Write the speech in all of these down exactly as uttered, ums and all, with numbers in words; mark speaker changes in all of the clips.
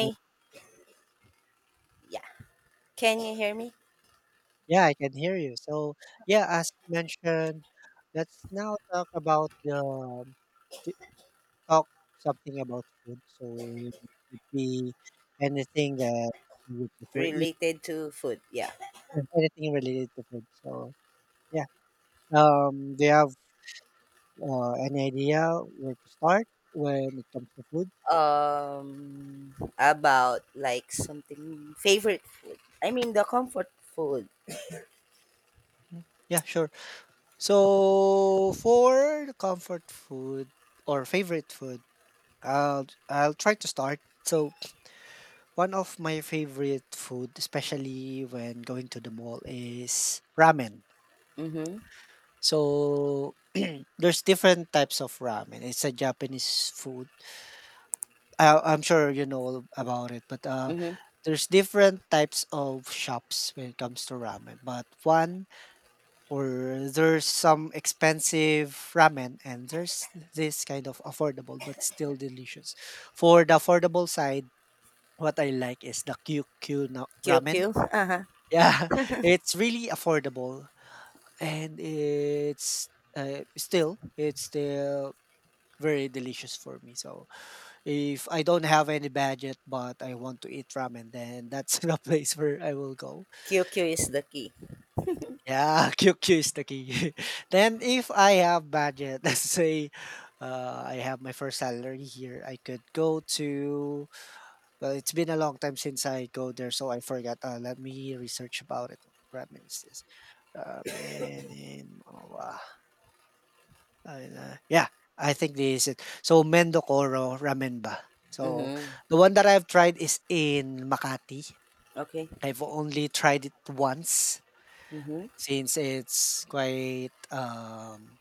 Speaker 1: Uh,
Speaker 2: Yeah. Can you hear me?
Speaker 1: Yeah, I can hear you. So, yeah, as mentioned, let's now talk about the um, t- talk something about food. So it could be anything that you prefer eat,
Speaker 2: Related to food. Yeah.
Speaker 1: anything related to food. So yeah, um, do you have uh, any idea where to start when it comes to food?
Speaker 2: Um about like something favorite. I mean the comfort food.
Speaker 1: Mm, yeah, sure. So for the comfort food or favorite food, I'll I'll try to start. So one of my favorite food, especially when going to the mall, is ramen.
Speaker 2: Mhm.
Speaker 1: So there's different types of ramen. It's a Japanese food. I, I'm sure you know about it, but uh,
Speaker 2: Mhm.
Speaker 1: there's different types of shops when it comes to ramen. But one, or there's some expensive ramen, and there's this kind of affordable but still delicious. For the affordable side, what I like is the Q Q na-
Speaker 2: Q Q.
Speaker 1: ramen.
Speaker 2: Uh-huh.
Speaker 1: Yeah, it's really affordable and it's uh, still it's still very delicious for me. So if I don't have any budget but I want to eat ramen, then that's the place where I will go.
Speaker 2: Q Q is the key.
Speaker 1: Yeah, Q Q is the key. Then if I have budget, let's say uh, I have my first salary here, I could go to. Well, it's been a long time since I go there, so I forgot. Uh, let me research about it. What ramen is this? Uh, men in Manwa, and, uh, yeah, I think this is it. So Mendokoro ramen ba. So,
Speaker 2: Mhm.
Speaker 1: the one that I've tried is in Makati.
Speaker 2: Okay.
Speaker 1: I've only tried it once
Speaker 2: Mhm.
Speaker 1: since it's quite, um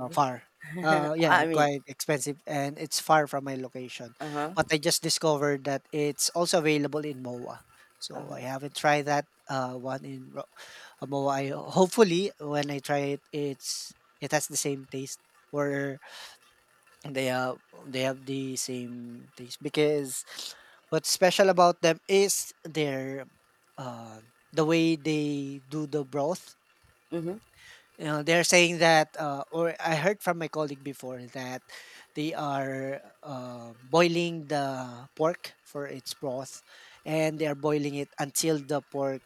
Speaker 1: Uh, far. Uh, yeah,
Speaker 2: I mean,
Speaker 1: quite expensive and it's far from my location.
Speaker 2: uh-huh.
Speaker 1: But I just discovered that it's also available in M O A. So
Speaker 2: Uh-huh.
Speaker 1: I haven't tried that uh, one in Ro- uh, M O A. I hopefully, when I try it, it's it has the same taste or they have they have the same taste because what's special about them is their uh, the way they do the broth.
Speaker 2: Mhm.
Speaker 1: You know, they're saying that, uh, or I heard from my colleague before that they are uh, boiling the pork for its broth, and they are boiling it until the pork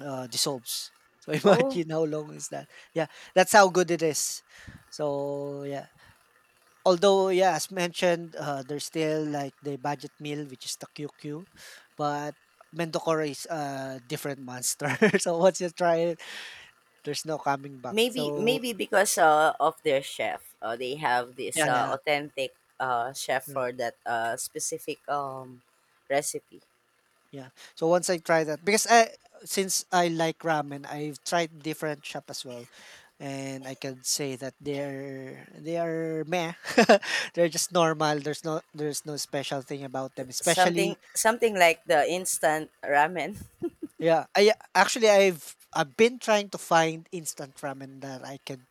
Speaker 1: uh, dissolves. So
Speaker 2: Oh,
Speaker 1: imagine how long is that? Yeah, that's how good it is. So yeah, although yeah, as mentioned, uh, there's still like the budget meal, which is the Q Q, but Mendocoro is a different monster. So once you try it, there's no coming back.
Speaker 2: Maybe
Speaker 1: So
Speaker 2: maybe because uh, of their chef, uh, they have this uh,
Speaker 1: yeah,
Speaker 2: authentic uh, chef
Speaker 1: yeah.
Speaker 2: for that uh, specific um, recipe.
Speaker 1: Yeah. So once I try that, because I since I like ramen, I've tried different shop as well, and I can say that they're they are meh. They're just normal. There's no there's no special thing about them. Especially
Speaker 2: Something something like the instant ramen.
Speaker 1: yeah. I actually I've I've been trying to find instant ramen that I could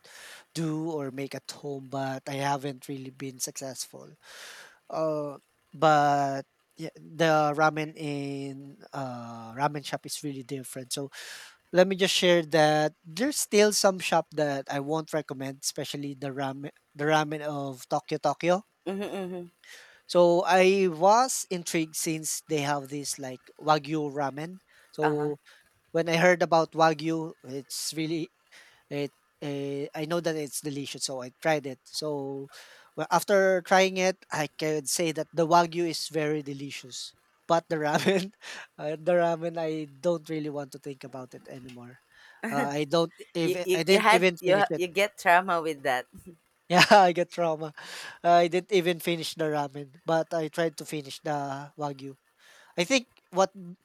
Speaker 1: do or make at home, but I haven't really been successful. Uh, but yeah, the ramen in uh ramen shop is really different. So let me just share that there's still some shop that I won't recommend, especially the ramen the ramen of Tokyo Tokyo.
Speaker 2: Mm-hmm, mm-hmm.
Speaker 1: So I was intrigued since they have this like Wagyu ramen.
Speaker 2: Uh-huh.
Speaker 1: So when I heard about Wagyu, it's really it. Uh, I know that it's delicious, so I tried it. So well, after trying it, I can say that the Wagyu is very delicious. But the ramen, uh, the ramen, I don't really want to think about it anymore. Uh, I don't
Speaker 2: You,
Speaker 1: even.
Speaker 2: you,
Speaker 1: I
Speaker 2: you
Speaker 1: didn't
Speaker 2: had
Speaker 1: even
Speaker 2: you
Speaker 1: finish
Speaker 2: ha-
Speaker 1: it.
Speaker 2: you get trauma with that.
Speaker 1: Yeah, I get trauma. I didn't even finish the ramen, but I tried to finish the Wagyu. I think what m-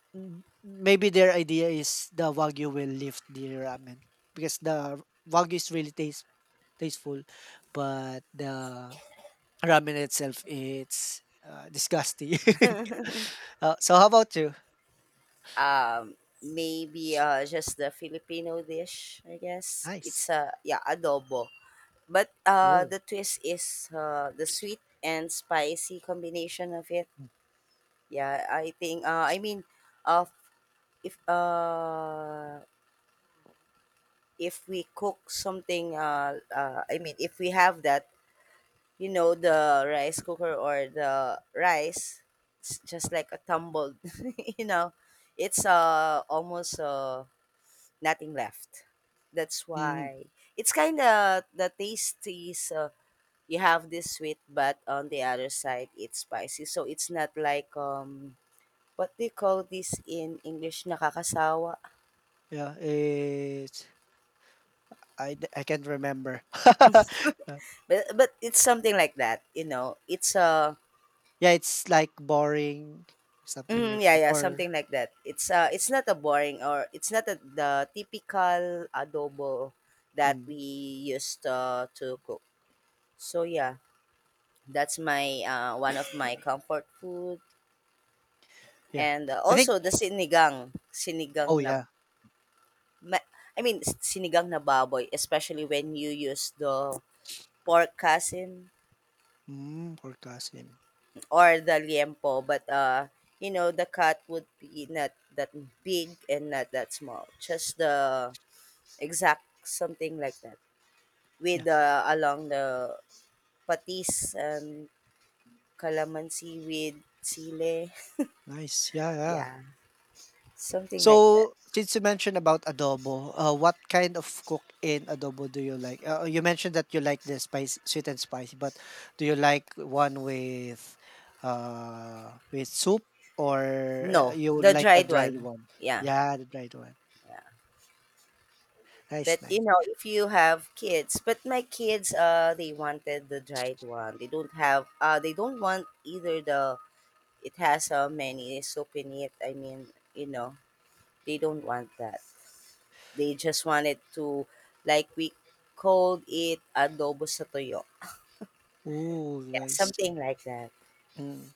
Speaker 1: maybe their idea is the wagyu will lift the ramen because the wagyu is really taste tasteful, but the ramen itself it's uh, disgusting. Uh, so how about you?
Speaker 2: Um, Maybe uh, just the Filipino dish. I guess
Speaker 1: Nice.
Speaker 2: it's a uh, yeah adobo. But uh,
Speaker 1: Oh.
Speaker 2: the twist is uh, the sweet and spicy combination of it. Yeah, I think uh I mean uh if uh if we cook something uh uh I mean if we have that, you know, the rice cooker or the rice, it's just like a tumbled, you know, it's uh almost uh nothing left. That's
Speaker 1: Mm,
Speaker 2: why it's kind of the taste is uh, you have this sweet, but on the other side it's spicy. So it's not like um what do you call this in English? Nakakasawa?
Speaker 1: yeah. It's I d- I can't remember. Uh,
Speaker 2: But but it's something like that, you know. It's a
Speaker 1: yeah, it's like boring, something
Speaker 2: mm,
Speaker 1: like
Speaker 2: yeah,
Speaker 1: that.
Speaker 2: yeah,
Speaker 1: Or
Speaker 2: something like that. It's uh it's not a boring, or it's not a, the typical adobo that
Speaker 1: mm,
Speaker 2: we used uh, to cook. So yeah, that's my uh, one of my comfort food,
Speaker 1: yeah,
Speaker 2: and uh,
Speaker 1: I think.
Speaker 2: also the sinigang,
Speaker 1: Oh
Speaker 2: sinigang na
Speaker 1: yeah.
Speaker 2: ma- I mean s- sinigang na baboy, especially when you use the pork casing
Speaker 1: Mm, for Kasim.
Speaker 2: or the liempo, but uh, you know, the cut would be not that big and not that small. Just the exact something like that. With uh, along the patis and calamansi with sile.
Speaker 1: Nice, yeah, yeah.
Speaker 2: Yeah, something like that.
Speaker 1: So, since you mentioned about adobo, uh, what kind of cook in adobo do you like? Uh, you mentioned that you like the spice, sweet and spicy, but do you like one with, uh, with soup or uh,
Speaker 2: No,
Speaker 1: you would
Speaker 2: the
Speaker 1: like the
Speaker 2: dried
Speaker 1: dried
Speaker 2: one.
Speaker 1: one?
Speaker 2: Yeah,
Speaker 1: Yeah, the dried one.
Speaker 2: yeah.
Speaker 1: Nice,
Speaker 2: But you
Speaker 1: nice.
Speaker 2: know, if you have kids, but my kids, uh, they wanted the dried one. They don't have, uh, they don't want either the, it has so many soup in it. I mean, you know, they don't want that. They just wanted to, like we called it adobo sa toyo.
Speaker 1: Ooh,
Speaker 2: Yeah,
Speaker 1: nice.
Speaker 2: something like that.
Speaker 1: Mm.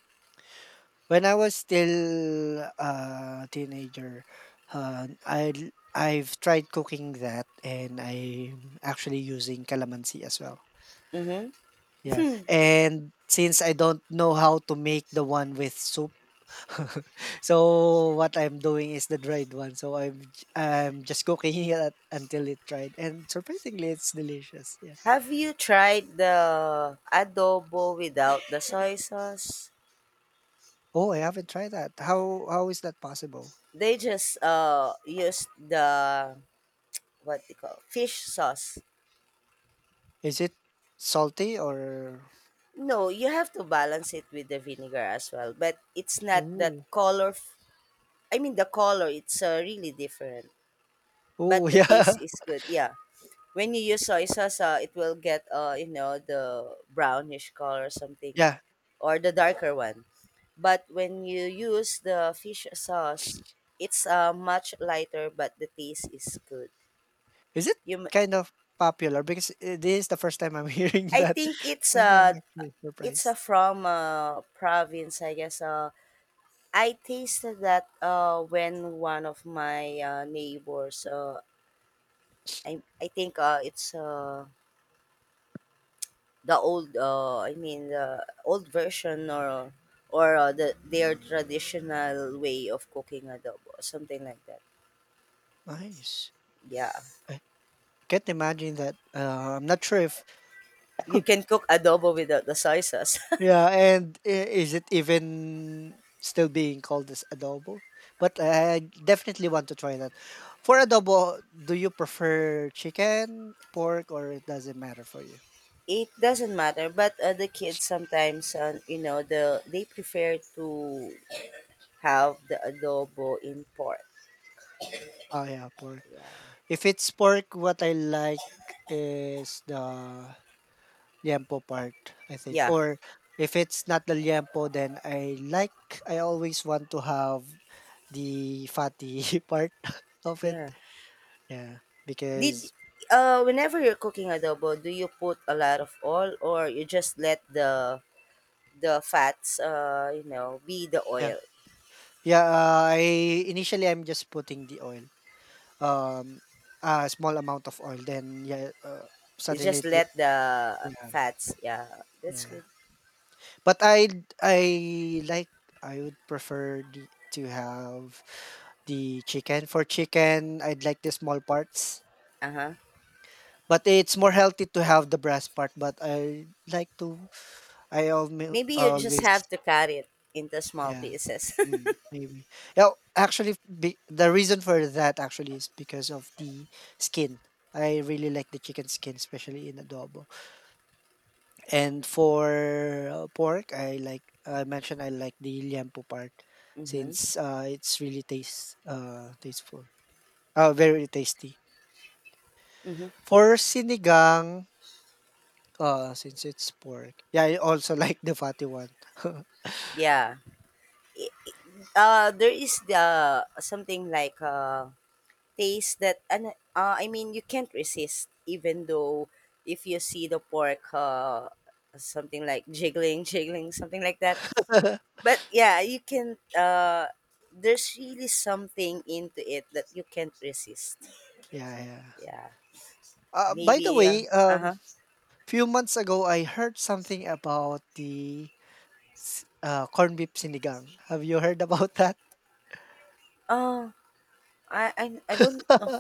Speaker 1: When I was still a teenager, uh, I I've tried cooking that and I'm actually using calamansi as well.
Speaker 2: Mm-hmm.
Speaker 1: Yeah,
Speaker 2: Hmm.
Speaker 1: and since I don't know how to make the one with soup, so what I'm doing is the dried one. So I'm j- I'm just cooking it until it dried, and surprisingly, it's delicious. Yeah.
Speaker 2: Have you tried the adobo without the soy sauce?
Speaker 1: Oh, I haven't tried that. How how is that possible?
Speaker 2: They just uh use the, what they call fish sauce.
Speaker 1: Is it salty or?
Speaker 2: No, you have to balance it with the vinegar as well, but it's not
Speaker 1: Ooh,
Speaker 2: that color. I mean, the color, it's uh, really different.
Speaker 1: oh
Speaker 2: But the taste
Speaker 1: yeah,
Speaker 2: is good. Yeah. When you use soy sauce, uh, it will get uh, you know, the brownish color or something,
Speaker 1: yeah.
Speaker 2: or the darker one. But when you use the fish sauce, it's uh, much lighter, but the taste is good.
Speaker 1: Is it
Speaker 2: You m-
Speaker 1: kind of popular? Because uh, this is the first time I'm hearing
Speaker 2: I
Speaker 1: that,
Speaker 2: think it's
Speaker 1: and I'm
Speaker 2: uh
Speaker 1: actually
Speaker 2: it's uh,
Speaker 1: surprised.
Speaker 2: from uh, province, I guess. Uh, I tasted that uh, when one of my uh, neighbors uh, I, I think uh, it's uh, the old, uh, I mean the old version, or or uh, the their traditional way of cooking adobo, something like that.
Speaker 1: Nice.
Speaker 2: Yeah,
Speaker 1: Can't imagine that. Uh, I'm not sure if
Speaker 2: you can cook adobo without the soy sauce.
Speaker 1: yeah, and i- is it even still being called as adobo? But I definitely want to try that. For adobo, do you prefer chicken, pork, or it doesn't matter for you?
Speaker 2: It doesn't matter, but uh, the kids sometimes, uh, you know, the they prefer to have the adobo in pork.
Speaker 1: Oh yeah, pork.
Speaker 2: Yeah,
Speaker 1: If it's pork, what I like is the liempo part, I think.
Speaker 2: yeah,
Speaker 1: Or if it's not the liempo, then I like I always want to have the fatty part of it.
Speaker 2: yeah.
Speaker 1: Yeah,
Speaker 2: Did
Speaker 1: because
Speaker 2: uh, Whenever you're cooking adobo, do you put a lot of oil, or you just let the the fats, uh you know be the
Speaker 1: yeah,
Speaker 2: oil.
Speaker 1: yeah. Uh, I Initially I'm just putting the oil, um, a small amount of oil. Then yeah, uh,
Speaker 2: You
Speaker 1: suddenly
Speaker 2: just
Speaker 1: it, li-
Speaker 2: let the
Speaker 1: yeah,
Speaker 2: fats, yeah, that's
Speaker 1: yeah.
Speaker 2: good.
Speaker 1: But I I like I would prefer the, to have the chicken. For chicken, I'd like the small parts.
Speaker 2: Uh-huh.
Speaker 1: But it's more healthy to have the breast part. But I like to. I always
Speaker 2: Maybe you just
Speaker 1: Always
Speaker 2: have to cut it into small
Speaker 1: yeah.
Speaker 2: pieces.
Speaker 1: Mm, maybe. Yeah, actually, be, the reason for that actually is because of the skin. I really like the chicken skin, especially in adobo. And for uh, pork, I like I mentioned I like the liempo part
Speaker 2: Mhm.
Speaker 1: since uh, it's really taste uh tasteful. Uh, very tasty.
Speaker 2: Mhm.
Speaker 1: For sinigang, uh, since it's pork, yeah, I also like the fatty one.
Speaker 2: Yeah. I- Uh there is the something like uh taste that ano, uh, I mean you can't resist, even though if you see the pork uh something like jiggling, jiggling, something like that.
Speaker 1: Yeah,
Speaker 2: But yeah, you can uh there's really something into it that you can't resist.
Speaker 1: yeah.
Speaker 2: Yeah.
Speaker 1: Uh, by the
Speaker 2: Maybe, uh
Speaker 1: way, um,
Speaker 2: huh.
Speaker 1: few months ago, I heard something about the s- uh, corned beef sinigang. Have you heard about that?
Speaker 2: Oh, I, I, I don't know.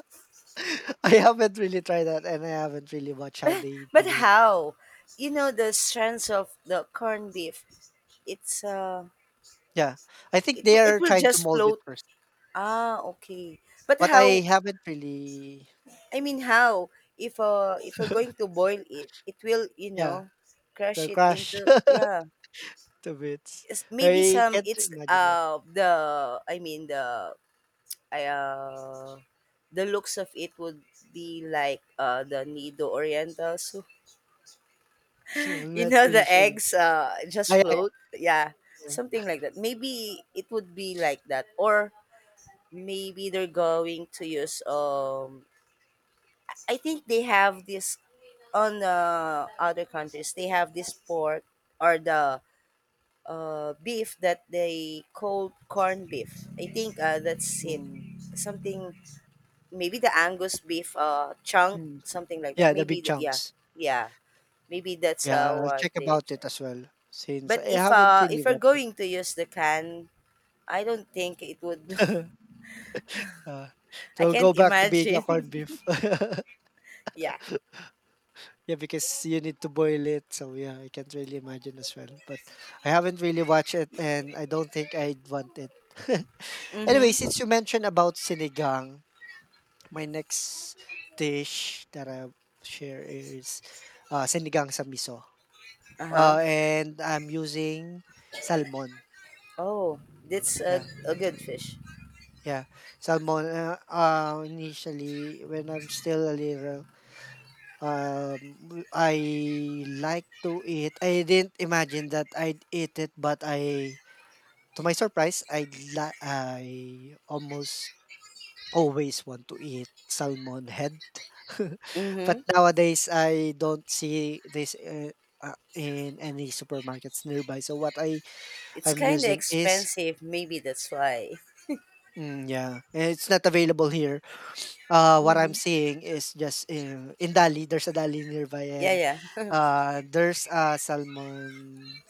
Speaker 1: I haven't really tried that, and I haven't really watched how
Speaker 2: But,
Speaker 1: they
Speaker 2: but
Speaker 1: do it.
Speaker 2: how? You know the strands of the corned beef. It's uh,
Speaker 1: Yeah, I think
Speaker 2: it
Speaker 1: they
Speaker 2: wi-
Speaker 1: are
Speaker 2: it will
Speaker 1: trying to
Speaker 2: just
Speaker 1: mold it
Speaker 2: float.
Speaker 1: first,
Speaker 2: Ah, okay. But
Speaker 1: but I
Speaker 2: how?
Speaker 1: haven't really.
Speaker 2: I mean, how? If uh, if we're going to boil it, it will, you
Speaker 1: Yeah,
Speaker 2: know,
Speaker 1: it
Speaker 2: crush
Speaker 1: will
Speaker 2: it
Speaker 1: crash
Speaker 2: into yeah.
Speaker 1: to bits.
Speaker 2: It's- Maybe
Speaker 1: I
Speaker 2: some
Speaker 1: can't
Speaker 2: it's
Speaker 1: imagine yet.
Speaker 2: uh the I mean the I uh the looks of it would be like uh the Nido Oriental soup.
Speaker 1: I'm
Speaker 2: You
Speaker 1: not
Speaker 2: know
Speaker 1: really
Speaker 2: the
Speaker 1: sure yet.
Speaker 2: eggs uh
Speaker 1: Ah,
Speaker 2: just
Speaker 1: yeah,
Speaker 2: float. Yeah.
Speaker 1: yeah,
Speaker 2: Something like that. Maybe it would be like that, or maybe they're going to use um I think they have this on uh, other countries they have this pork, or the uh, beef that they call corn beef. I think uh, that's
Speaker 1: yeah.
Speaker 2: it.
Speaker 1: Mm,
Speaker 2: Something maybe the Angus beef uh chunk,
Speaker 1: mm.
Speaker 2: something like that.
Speaker 1: Yeah, the
Speaker 2: Maybe
Speaker 1: big
Speaker 2: the, yeah.
Speaker 1: chunks.
Speaker 2: Yeah. Maybe that's
Speaker 1: Yeah,
Speaker 2: uh,
Speaker 1: I'll
Speaker 2: what
Speaker 1: check
Speaker 2: they
Speaker 1: about it
Speaker 2: try.
Speaker 1: as well since I
Speaker 2: But if,
Speaker 1: haven't
Speaker 2: uh,
Speaker 1: really
Speaker 2: if we're
Speaker 1: watched
Speaker 2: going to use the can, I don't think it would.
Speaker 1: it. Uh, it
Speaker 2: I
Speaker 1: will go
Speaker 2: can't
Speaker 1: back to being a corned
Speaker 2: imagine.
Speaker 1: beef.
Speaker 2: Yeah.
Speaker 1: Yeah, because you need to boil it. So yeah, I can't really imagine as well. But I haven't really watched it and I don't think I'd want it. Anyway,
Speaker 2: Mhm.
Speaker 1: since you mentioned about sinigang, my next dish that I share is uh, sinigang sa miso.
Speaker 2: Uh-huh.
Speaker 1: Uh, and I'm using salmon.
Speaker 2: Oh, that's a,
Speaker 1: Yeah,
Speaker 2: a good fish.
Speaker 1: yeah. Salmon. Uh, uh, initially, when I'm still a little Um, I like to eat I didn't imagine that I'd eat it, but I to my surprise, I la I almost always want to eat salmon head. But
Speaker 2: Mhm.
Speaker 1: nowadays, I don't see this, eh, uh, in any supermarkets nearby. So what I
Speaker 2: It's
Speaker 1: am
Speaker 2: kind of
Speaker 1: using is
Speaker 2: expensive, maybe that's why.
Speaker 1: mm, yeah, and it's not available here. Uh, what I'm
Speaker 2: Mhm.
Speaker 1: seeing is just in, in Dali. There's a Dali nearby,
Speaker 2: Yeah,
Speaker 1: and
Speaker 2: yeah.
Speaker 1: uh, there's a salmon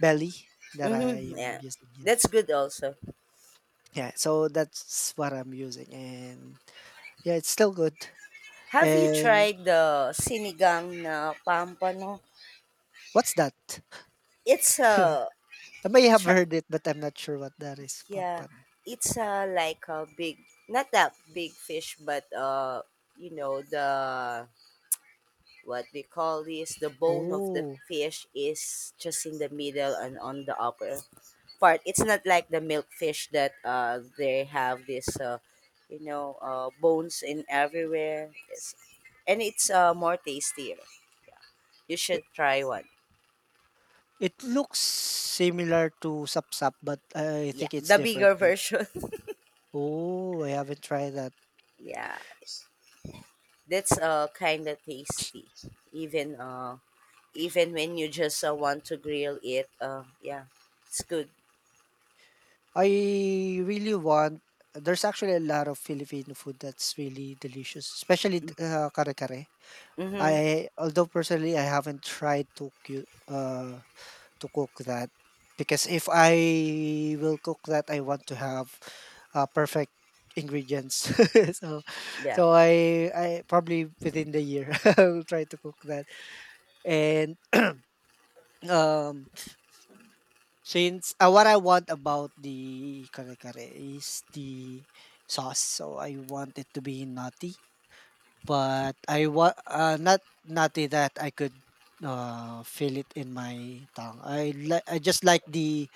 Speaker 1: belly that
Speaker 2: Mhm.
Speaker 1: I'm
Speaker 2: Yeah.
Speaker 1: using. Yeah,
Speaker 2: That's good also.
Speaker 1: yeah. So that's what I'm using, and yeah, it's still good.
Speaker 2: Have you
Speaker 1: And
Speaker 2: tried the sinigang na pampano?
Speaker 1: what's that?
Speaker 2: It's a
Speaker 1: I may have heard it, but I'm not sure what that is.
Speaker 2: Yeah,
Speaker 1: Pampan.
Speaker 2: it's uh, like a big, not that big fish, but uh, you know, the what we call this, the bone of the
Speaker 1: Oh,
Speaker 2: fish is just in the middle and on the upper part. It's not like the milk fish that uh they have this, uh, you know uh bones in everywhere. Yes. And it's uh more tastier. You
Speaker 1: it,
Speaker 2: should try one.
Speaker 1: it looks similar to sapsap, but I
Speaker 2: Yeah,
Speaker 1: think it's
Speaker 2: the
Speaker 1: different,
Speaker 2: bigger
Speaker 1: right?
Speaker 2: version.
Speaker 1: Oh, I haven't tried that.
Speaker 2: Yeah, that's uh kind of tasty. Even uh even when you just uh, want to grill it. Uh, yeah, it's good.
Speaker 1: I really want There's actually a lot of Filipino food that's really delicious, especially th uh, kare-kare.
Speaker 2: Mm-hmm.
Speaker 1: I although personally I haven't tried to cu uh, to cook that because if I will cook that, I want to have uh, perfect ingredients. So
Speaker 2: Yeah,
Speaker 1: so I I probably within the year I'll try to cook that. And um, since, uh, what I want about the kare-kare is the sauce, so I want it to be nutty, but I want uh, not nutty that I could, uh, feel it in my tongue. I li I just like the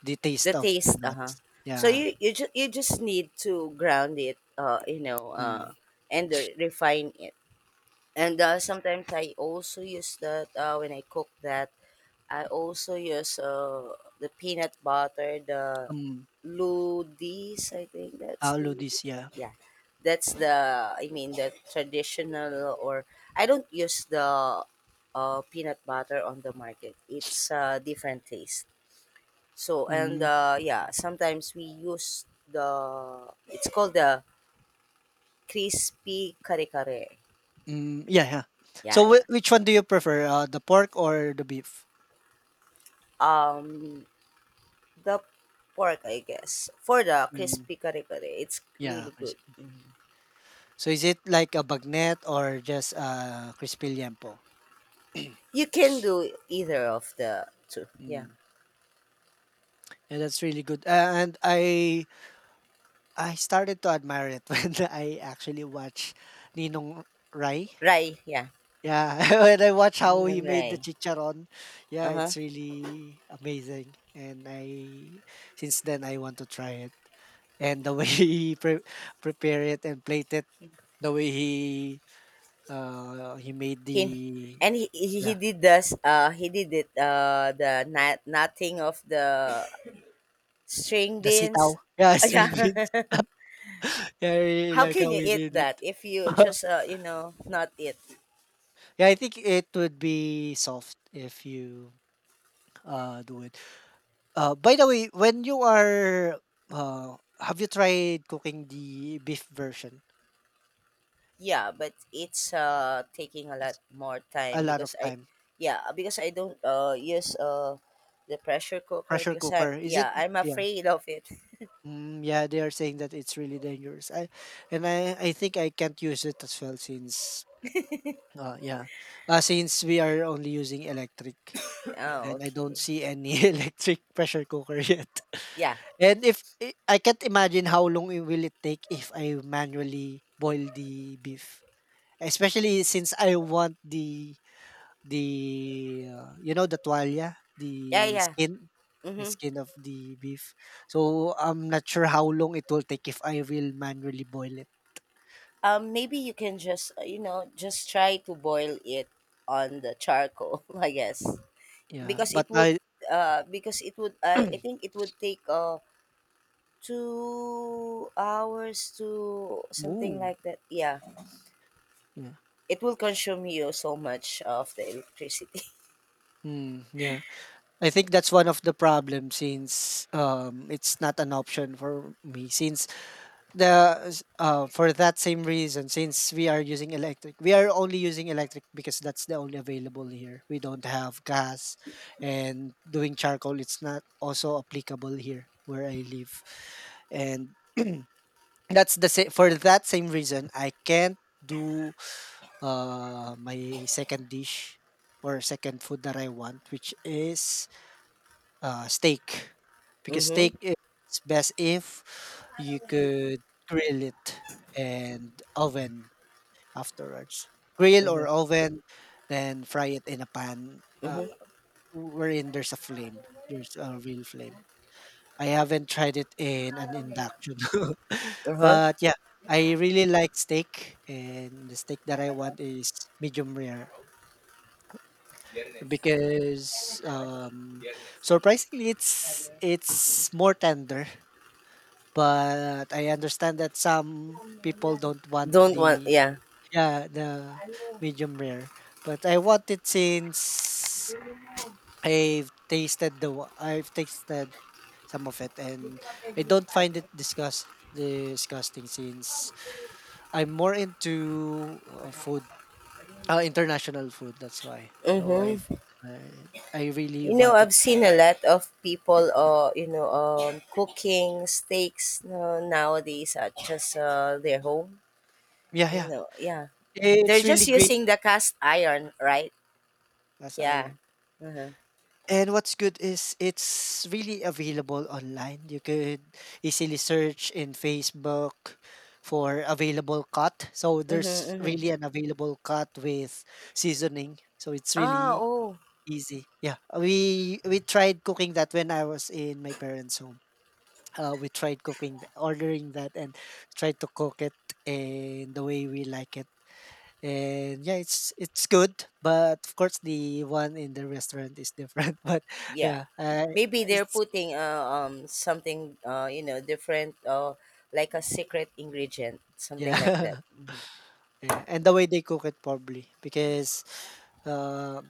Speaker 1: the
Speaker 2: the
Speaker 1: taste of the
Speaker 2: taste. Uh huh.
Speaker 1: nuts.
Speaker 2: So
Speaker 1: Yeah,
Speaker 2: you you just you just need to ground it. Uh, you know.
Speaker 1: mm,
Speaker 2: Uh, and re- refine it. And uh, sometimes I also use that uh, when I cook that. I also use uh, the peanut butter, the
Speaker 1: mm,
Speaker 2: ludis. I think that's the.
Speaker 1: this. Yeah.
Speaker 2: Yeah, that's the. I mean the traditional, or I don't use the uh, peanut butter on the market. It's uh, different taste. So, and
Speaker 1: Mm,
Speaker 2: uh, yeah, sometimes we use the. It's called the crispy kare kare.
Speaker 1: mm, yeah, yeah. So
Speaker 2: Yeah,
Speaker 1: whi
Speaker 2: yeah.
Speaker 1: which one do you prefer, uh, the pork or the beef?
Speaker 2: Um, the pork, I guess, for the
Speaker 1: Mm,
Speaker 2: crispy kare kare. It's
Speaker 1: yeah,
Speaker 2: really
Speaker 1: I
Speaker 2: good.
Speaker 1: see.
Speaker 2: Mhm.
Speaker 1: So is it like a bagnet or just, uh, crispy liempo?
Speaker 2: You can do either of the two. Yeah.
Speaker 1: Mm. Yeah, that's really good. Uh, and I I started to admire it when I actually watched Ninong Rai.
Speaker 2: Rai, yeah.
Speaker 1: Yeah, when I watch how
Speaker 2: Yun
Speaker 1: he
Speaker 2: ang
Speaker 1: made
Speaker 2: rai.
Speaker 1: the chicharon, yeah,
Speaker 2: Uh-huh.
Speaker 1: it's really amazing. And I since then I want to try it. And the way he pre- prepare it and plate it, the way he uh he made
Speaker 2: He,
Speaker 1: the
Speaker 2: and he, he,
Speaker 1: yeah
Speaker 2: he did this, uh, he did it, uh, the nut, nutting of the string
Speaker 1: the
Speaker 2: beans.
Speaker 1: sitaw, yeah, string
Speaker 2: Yeah.
Speaker 1: beans. Yeah, I really
Speaker 2: How
Speaker 1: like
Speaker 2: can
Speaker 1: how
Speaker 2: you
Speaker 1: he
Speaker 2: eat
Speaker 1: did it.
Speaker 2: that if you just, uh, you know, not eat?
Speaker 1: Yeah, I think it would be soft if you uh do it. Uh by the way, when you are uh have you tried cooking the beef version?
Speaker 2: Yeah, but it's uh taking a lot
Speaker 1: It's
Speaker 2: more
Speaker 1: a
Speaker 2: time
Speaker 1: lot
Speaker 2: because
Speaker 1: of
Speaker 2: I
Speaker 1: time.
Speaker 2: yeah, because I don't uh use uh the pressure cooker,
Speaker 1: Pressure
Speaker 2: because I
Speaker 1: cooker. Is it
Speaker 2: yeah, I'm
Speaker 1: yeah.
Speaker 2: afraid of it.
Speaker 1: Mm, yeah, they are saying that it's really dangerous. I and I I think I can't use it as well since uh yeah. Uh, since we are only using electric.
Speaker 2: Oh,
Speaker 1: And I don't
Speaker 2: okay.
Speaker 1: see any electric pressure cooker yet.
Speaker 2: Yeah.
Speaker 1: And if I I can't imagine how long it will it take if I manually boil the beef, especially since I want the the, uh, you know, the tualya,
Speaker 2: Yeah,
Speaker 1: the
Speaker 2: yeah.
Speaker 1: skin, the
Speaker 2: Mhm.
Speaker 1: skin of the beef. So I'm not sure how long it will take if I will manually boil it.
Speaker 2: Um maybe you can just uh, you know, just try to boil it on the charcoal, I guess.
Speaker 1: Yeah,
Speaker 2: Because
Speaker 1: but
Speaker 2: it would
Speaker 1: I
Speaker 2: uh because it would I I think it would take uh 2 hours, to something
Speaker 1: move.
Speaker 2: like that. Yeah.
Speaker 1: Yeah.
Speaker 2: It will consume you so much of the electricity.
Speaker 1: Mm, yeah. I think that's one of the problems since um, it's not an option for me. Since the s- uh, for that same reason, since we are using electric, we are only using electric because that's the only available here. We don't have gas, and doing charcoal it's not also applicable here where I live, and that's the sa- for that same reason I can't do uh, my second dish or second food that I want, which is uh, steak, because
Speaker 2: Mhm.
Speaker 1: steak is best if you could grill it and oven afterwards. Grill
Speaker 2: Mhm.
Speaker 1: or oven, then fry it in a pan, uh,
Speaker 2: Mhm.
Speaker 1: wherein there's a flame. There's a real flame. I haven't tried it in an induction,
Speaker 2: Uh-huh.
Speaker 1: but yeah, I really like steak, and the steak that I want is medium rare because um, surprisingly it's it's more tender. But I understand that some people don't want
Speaker 2: Don't want
Speaker 1: the
Speaker 2: yeah.
Speaker 1: yeah, the medium rare, but I want it since I've tasted the wa I've tasted some of it, and I don't find it disgust disgusting since I'm more into, uh, food, uh, international food, that's why. So I've
Speaker 2: Mhm.
Speaker 1: I I really
Speaker 2: You know,
Speaker 1: want it.
Speaker 2: I've seen a lot of people uh you know um cooking steaks uh, nowadays at just uh, their home.
Speaker 1: Yeah,
Speaker 2: You
Speaker 1: yeah.
Speaker 2: know, yeah. They're
Speaker 1: It's really
Speaker 2: just
Speaker 1: great
Speaker 2: using the cast iron, right?
Speaker 1: as
Speaker 2: Yeah.
Speaker 1: iron.
Speaker 2: Uh-huh.
Speaker 1: And what's good is it's really available online. You could easily search in Facebook for available cut. So
Speaker 2: Mhm.
Speaker 1: there's
Speaker 2: Mhm.
Speaker 1: really an available cut with seasoning. So it's
Speaker 2: Ah,
Speaker 1: really
Speaker 2: oh.
Speaker 1: easy. Yeah. We we tried cooking that when I was in my parents' home. Uh, we tried cooking, th- ordering that, and tried to cook it in the way we like it. And yeah, it's it's good, but of course the one in the restaurant is different. But
Speaker 2: Yeah,
Speaker 1: yeah, uh,
Speaker 2: maybe they're
Speaker 1: it's
Speaker 2: putting uh, um something uh you know different, uh like a secret ingredient,
Speaker 1: yeah,
Speaker 2: something like that. Hmm.
Speaker 1: yeah, and the way they cook it probably because uh,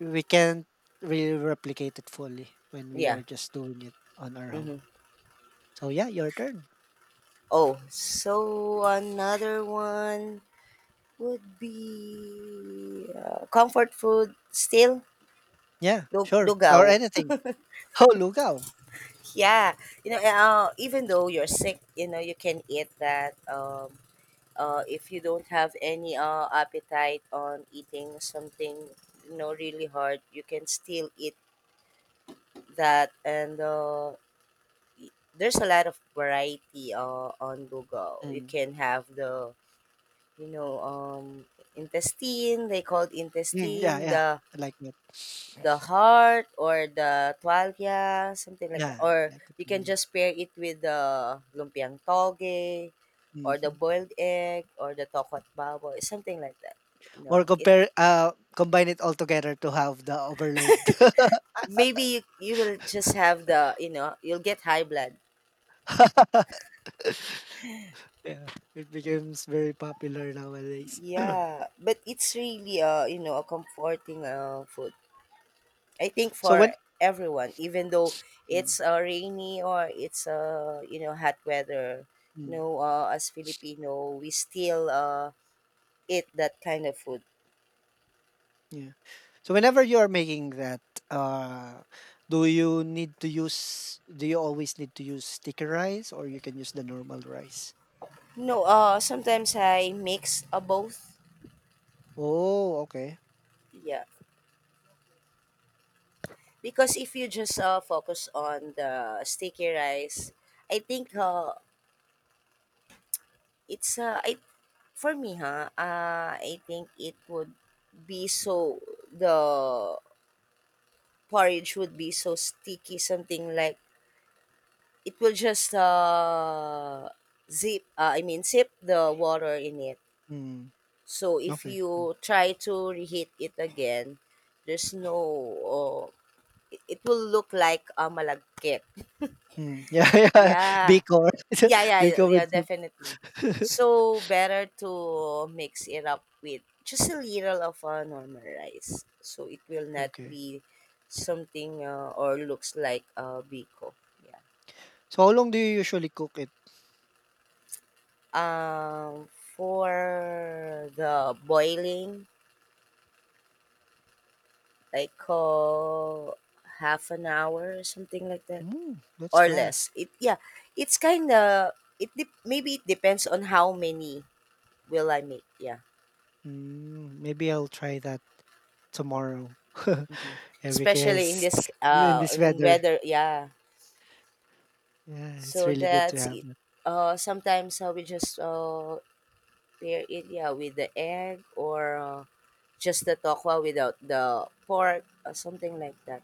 Speaker 1: we can't really replicate it fully when we
Speaker 2: Yeah.
Speaker 1: are just doing it on our home.
Speaker 2: Hmm.
Speaker 1: So yeah, your turn.
Speaker 2: Oh, so another one would be uh, comfort food still.
Speaker 1: Yeah,
Speaker 2: Lug-
Speaker 1: sure, or
Speaker 2: Lugaw.
Speaker 1: anything. Oh, lugao.
Speaker 2: Yeah, you know, uh, even though you're sick, you know, you can eat that, um uh, if you don't have any uh, appetite on eating something, you know, really hard, you can still eat that, and uh, y- there's a lot of variety uh, on Google. You
Speaker 1: Mm.
Speaker 2: can have the, you know um intestine, they called
Speaker 1: Mm, yeah,
Speaker 2: intestine,
Speaker 1: yeah.
Speaker 2: the
Speaker 1: I like it.
Speaker 2: the heart or the tualya, something like that,
Speaker 1: Yeah, I
Speaker 2: or
Speaker 1: like it
Speaker 2: you can
Speaker 1: too. Yeah.
Speaker 2: just pair it with the lumpiang toge, or the
Speaker 1: Mhm.
Speaker 2: boiled egg, or the tokot baboy, something like that, you
Speaker 1: Or
Speaker 2: know, it.
Speaker 1: compare uh, combine it all together to have the overload.
Speaker 2: Maybe you, you will just have the, you know you'll get high blood.
Speaker 1: Yeah, it becomes very popular nowadays.
Speaker 2: Yeah, but it's really uh you know a comforting uh food. I think
Speaker 1: So
Speaker 2: for
Speaker 1: when
Speaker 2: everyone, even though
Speaker 1: mm,
Speaker 2: it's uh, rainy, or it's uh you know hot weather, you
Speaker 1: mm,
Speaker 2: know uh, as Filipino, we still uh eat that kind of food.
Speaker 1: yeah. So whenever you are making that, uh, do you need to use? Do you always need to use sticky rice, or you can use the normal rice?
Speaker 2: No, uh sometimes I mix uh, both.
Speaker 1: Oh, okay.
Speaker 2: Yeah, because if you just uh focus on the sticky rice, I think uh it's uh I for me, ha, ah, I think it would be so, the porridge would be so sticky, something like it will just uh, zip. Uh, I mean, sip the water in it.
Speaker 1: Mm,
Speaker 2: So if
Speaker 1: okay. Mm,
Speaker 2: you try to reheat it again, there's no. Uh, it it will look like a malagkit.
Speaker 1: mm, yeah, yeah.
Speaker 2: Yeah.
Speaker 1: Biko,
Speaker 2: Yeah, yeah, yeah,
Speaker 1: biko with
Speaker 2: yeah,
Speaker 1: soup.
Speaker 2: definitely. So better to mix it up with just a little of uh, normal rice, so it will not
Speaker 1: Okay.
Speaker 2: be something, uh, or looks like uh, biko. Yeah.
Speaker 1: So how long do you usually cook it?
Speaker 2: Um, for the boiling, like uh, half an hour or something like that,
Speaker 1: Mm, that's
Speaker 2: or
Speaker 1: fast.
Speaker 2: less. It yeah, it's kind of it. Dep maybe it depends on how many will I make. Yeah.
Speaker 1: Mm, maybe I'll try that tomorrow.
Speaker 2: Mhm.
Speaker 1: Yeah,
Speaker 2: Especially in
Speaker 1: because
Speaker 2: this
Speaker 1: in
Speaker 2: uh
Speaker 1: this
Speaker 2: in
Speaker 1: weather,
Speaker 2: weather, yeah.
Speaker 1: yeah, it's
Speaker 2: So
Speaker 1: really good to
Speaker 2: that's
Speaker 1: have
Speaker 2: it.
Speaker 1: that.
Speaker 2: Uh sometimes uh, we just uh pair it, yeah, with the egg, or uh, just the tokwa without the pork, or something like that.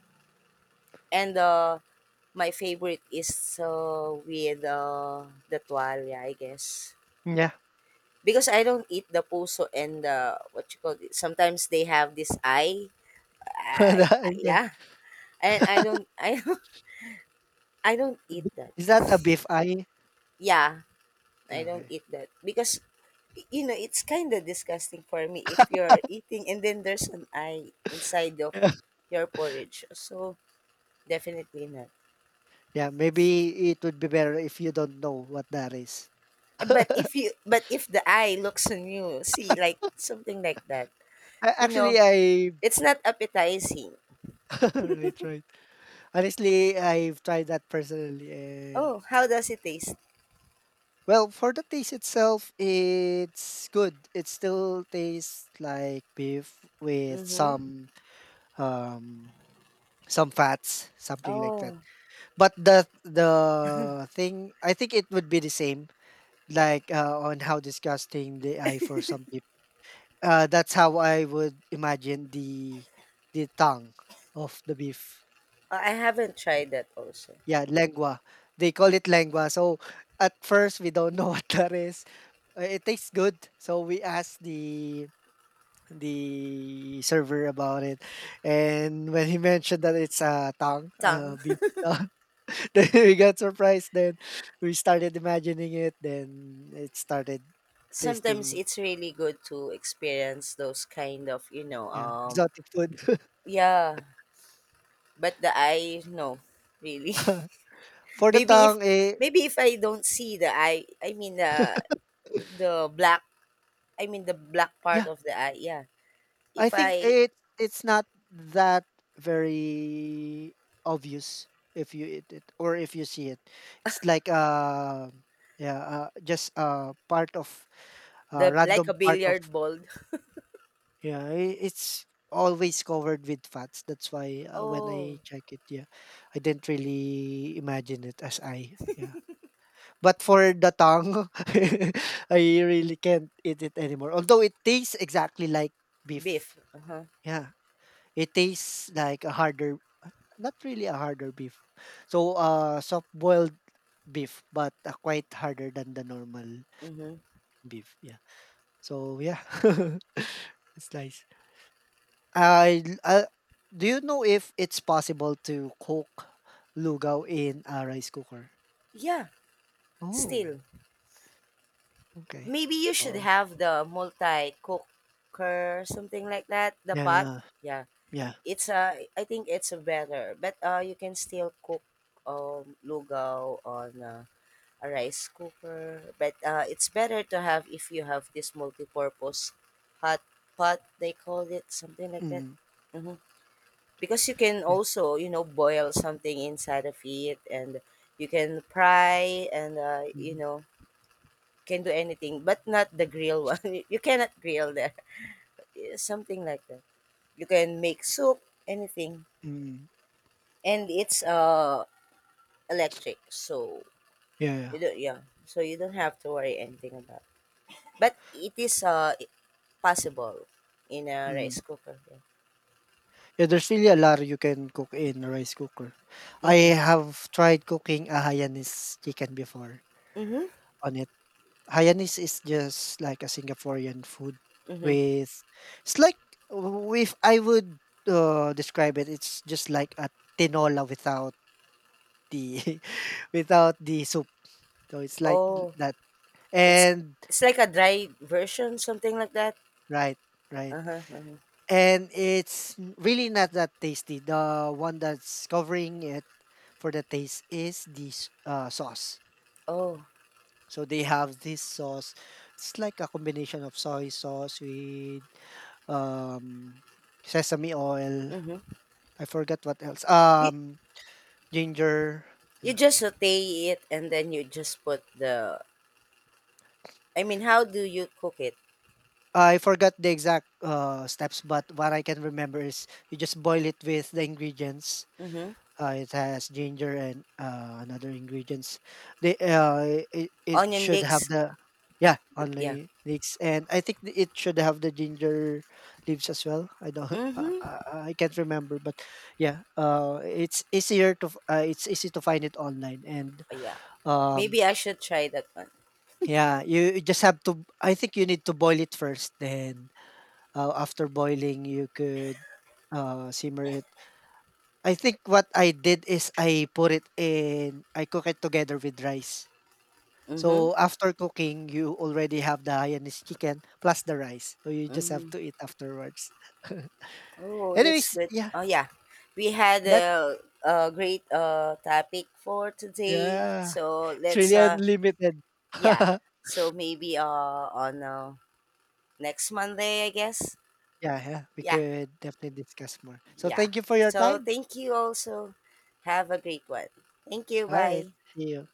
Speaker 2: And uh my favorite is uh, with uh, the tualia, I guess,
Speaker 1: Yeah,
Speaker 2: because I don't eat the puso and the, what you call it, sometimes they have this eye. I, I,
Speaker 1: yeah.
Speaker 2: yeah, and i don't i don't i don't
Speaker 1: B.
Speaker 2: eat that,
Speaker 1: Is that a beef eye?
Speaker 2: yeah. I don't
Speaker 1: Okay.
Speaker 2: eat that because y- you know, it's kind of disgusting for me if you're eating and then there's an eye inside of your porridge. So definitely not.
Speaker 1: Yeah, maybe it would be better if you don't know what that is.
Speaker 2: But
Speaker 1: I
Speaker 2: if you but if the eye looks on you, see, like something like that, you
Speaker 1: actually,
Speaker 2: know,
Speaker 1: I
Speaker 2: it's not appetizing.
Speaker 1: right, right. Honestly, I've tried that personally, and
Speaker 2: Oh, how does it taste?
Speaker 1: well, for the taste itself, it's good. It still tastes like beef with
Speaker 2: Mm-hmm.
Speaker 1: some um some fats, something like that.
Speaker 2: Oh,
Speaker 1: But the the thing, I think it would be the same, like uh, on how disgusting the eye for some people. Uh, that's how I would imagine the the tongue of the beef.
Speaker 2: I haven't tried that also.
Speaker 1: Yeah, lengua. They call it lengua. So at first we don't know what that is. Uh, It tastes good, so we asked the the server about it, and when he mentioned that it's a tongue, uh,
Speaker 2: Tongue.
Speaker 1: beef tongue, then we got surprised. Then we started imagining it. Then it started
Speaker 2: Sometimes
Speaker 1: tasting
Speaker 2: it's really good to experience those kind of, you know,
Speaker 1: yeah
Speaker 2: um,
Speaker 1: exotic food
Speaker 2: yeah. But the eye, no, really.
Speaker 1: for the
Speaker 2: maybe if
Speaker 1: tongue. Eh,
Speaker 2: maybe if I don't see the eye, I mean the, the black, I mean the black part
Speaker 1: yeah,
Speaker 2: of the eye. Yeah,
Speaker 1: I
Speaker 2: if
Speaker 1: think
Speaker 2: I
Speaker 1: it it's not that very obvious if you eat it or if you see it. It's like uh yeah, uh, just uh part of uh
Speaker 2: the like
Speaker 1: random
Speaker 2: a
Speaker 1: part of
Speaker 2: billiard ball.
Speaker 1: yeah, i- it's always covered with fats. That's why uh, when
Speaker 2: Oh,
Speaker 1: I check it, yeah, I didn't really imagine it as I yeah. But for the tongue, I really can't eat it anymore. Although it tastes exactly like beef.
Speaker 2: beef. Uh huh.
Speaker 1: Yeah. It tastes like a harder not really a harder beef. So, uh, soft boiled beef, but uh, quite harder than the normal
Speaker 2: Mhm.
Speaker 1: beef. Yeah. So yeah, it's nice. I I, l- I Do you know if it's possible to cook lugaw in a rice cooker?
Speaker 2: Yeah.
Speaker 1: Oh,
Speaker 2: Still,
Speaker 1: okay.
Speaker 2: maybe you should
Speaker 1: So
Speaker 2: have the multi cooker, something like that. The pot.
Speaker 1: yeah,
Speaker 2: Yeah.
Speaker 1: yeah,
Speaker 2: It's a. I think it's a better, but uh, you can still cook um lugaw on uh, a rice cooker. But uh, it's better to have if you have this multi-purpose hot pot, they call it, something like that.
Speaker 1: mm,
Speaker 2: hmm Because you can
Speaker 1: yeah,
Speaker 2: also, you know, boil something inside of it, and you can fry, and uh, you
Speaker 1: mm,
Speaker 2: know, can do anything, but not the grill one. You cannot grill there. Yeah, something like that. You can make soup, anything.
Speaker 1: mm,
Speaker 2: And it's uh electric, so
Speaker 1: yeah, yeah.
Speaker 2: you don't, yeah. So you don't have to worry anything about. But it is uh possible in a
Speaker 1: Mm.
Speaker 2: rice cooker, yeah.
Speaker 1: Yeah, there's really a lot you can cook in a rice cooker. I
Speaker 2: Mhm,
Speaker 1: have tried cooking a Hainanese chicken before
Speaker 2: mhm,
Speaker 1: on it. Hainanese is just like a Singaporean food
Speaker 2: mhm.
Speaker 1: with it's like w- if I would uh, describe it, it's just like a tinola without the without the soup. So it's like
Speaker 2: Oh,
Speaker 1: that.
Speaker 2: it's
Speaker 1: And
Speaker 2: it's like a dry version, something like that?
Speaker 1: right, right.
Speaker 2: Uh-huh, uh-huh.
Speaker 1: And it's n- really not that tasty. The one that's covering it for the taste is the s- uh, sauce.
Speaker 2: Oh,
Speaker 1: So they have this sauce. It's like a combination of soy sauce with um, sesame oil.
Speaker 2: mhm.
Speaker 1: I forgot what else.
Speaker 2: You
Speaker 1: Um, ginger.
Speaker 2: you
Speaker 1: Yeah.
Speaker 2: just saute it and then you just put the. I mean, how do you cook it?
Speaker 1: I forgot the exact uh, steps, but what I can remember is you just boil it with the ingredients.
Speaker 2: Mhm.
Speaker 1: Uh, it has ginger and uh, another ingredients. They uh, it, it
Speaker 2: Onion
Speaker 1: should
Speaker 2: leeks?
Speaker 1: have the yeah
Speaker 2: Yeah.
Speaker 1: only leeks and I think th- it should have the ginger leaves as well. I don't uh,
Speaker 2: Mhm.
Speaker 1: uh, I can't remember, but yeah, uh, it's easier to f- uh, it's easy to find it online and
Speaker 2: Yeah.
Speaker 1: um
Speaker 2: Maybe I should try that one.
Speaker 1: yeah you just have to I think you need to boil it first. Then uh, after boiling, you could uh, simmer it. I think what I did is I put it in I cook it together with rice.
Speaker 2: Mhm,
Speaker 1: So after cooking, you already have the Hainanese chicken plus the rice. So you just have
Speaker 2: mhm.
Speaker 1: to eat afterwards.
Speaker 2: Oh, that's
Speaker 1: Anyways,
Speaker 2: good.
Speaker 1: yeah,
Speaker 2: Oh, yeah. We had
Speaker 1: that
Speaker 2: a, a great uh, topic for today.
Speaker 1: yeah,
Speaker 2: So
Speaker 1: it's really
Speaker 2: let's, uh,
Speaker 1: unlimited.
Speaker 2: yeah.
Speaker 1: Yeah,
Speaker 2: So maybe uh, on uh, next Monday, I guess.
Speaker 1: yeah, we
Speaker 2: Yeah,
Speaker 1: could definitely discuss more. So
Speaker 2: yeah.
Speaker 1: thank you for your
Speaker 2: So
Speaker 1: time.
Speaker 2: thank you also. Have a great one. Thank you.
Speaker 1: All right,
Speaker 2: Bye.
Speaker 1: see you.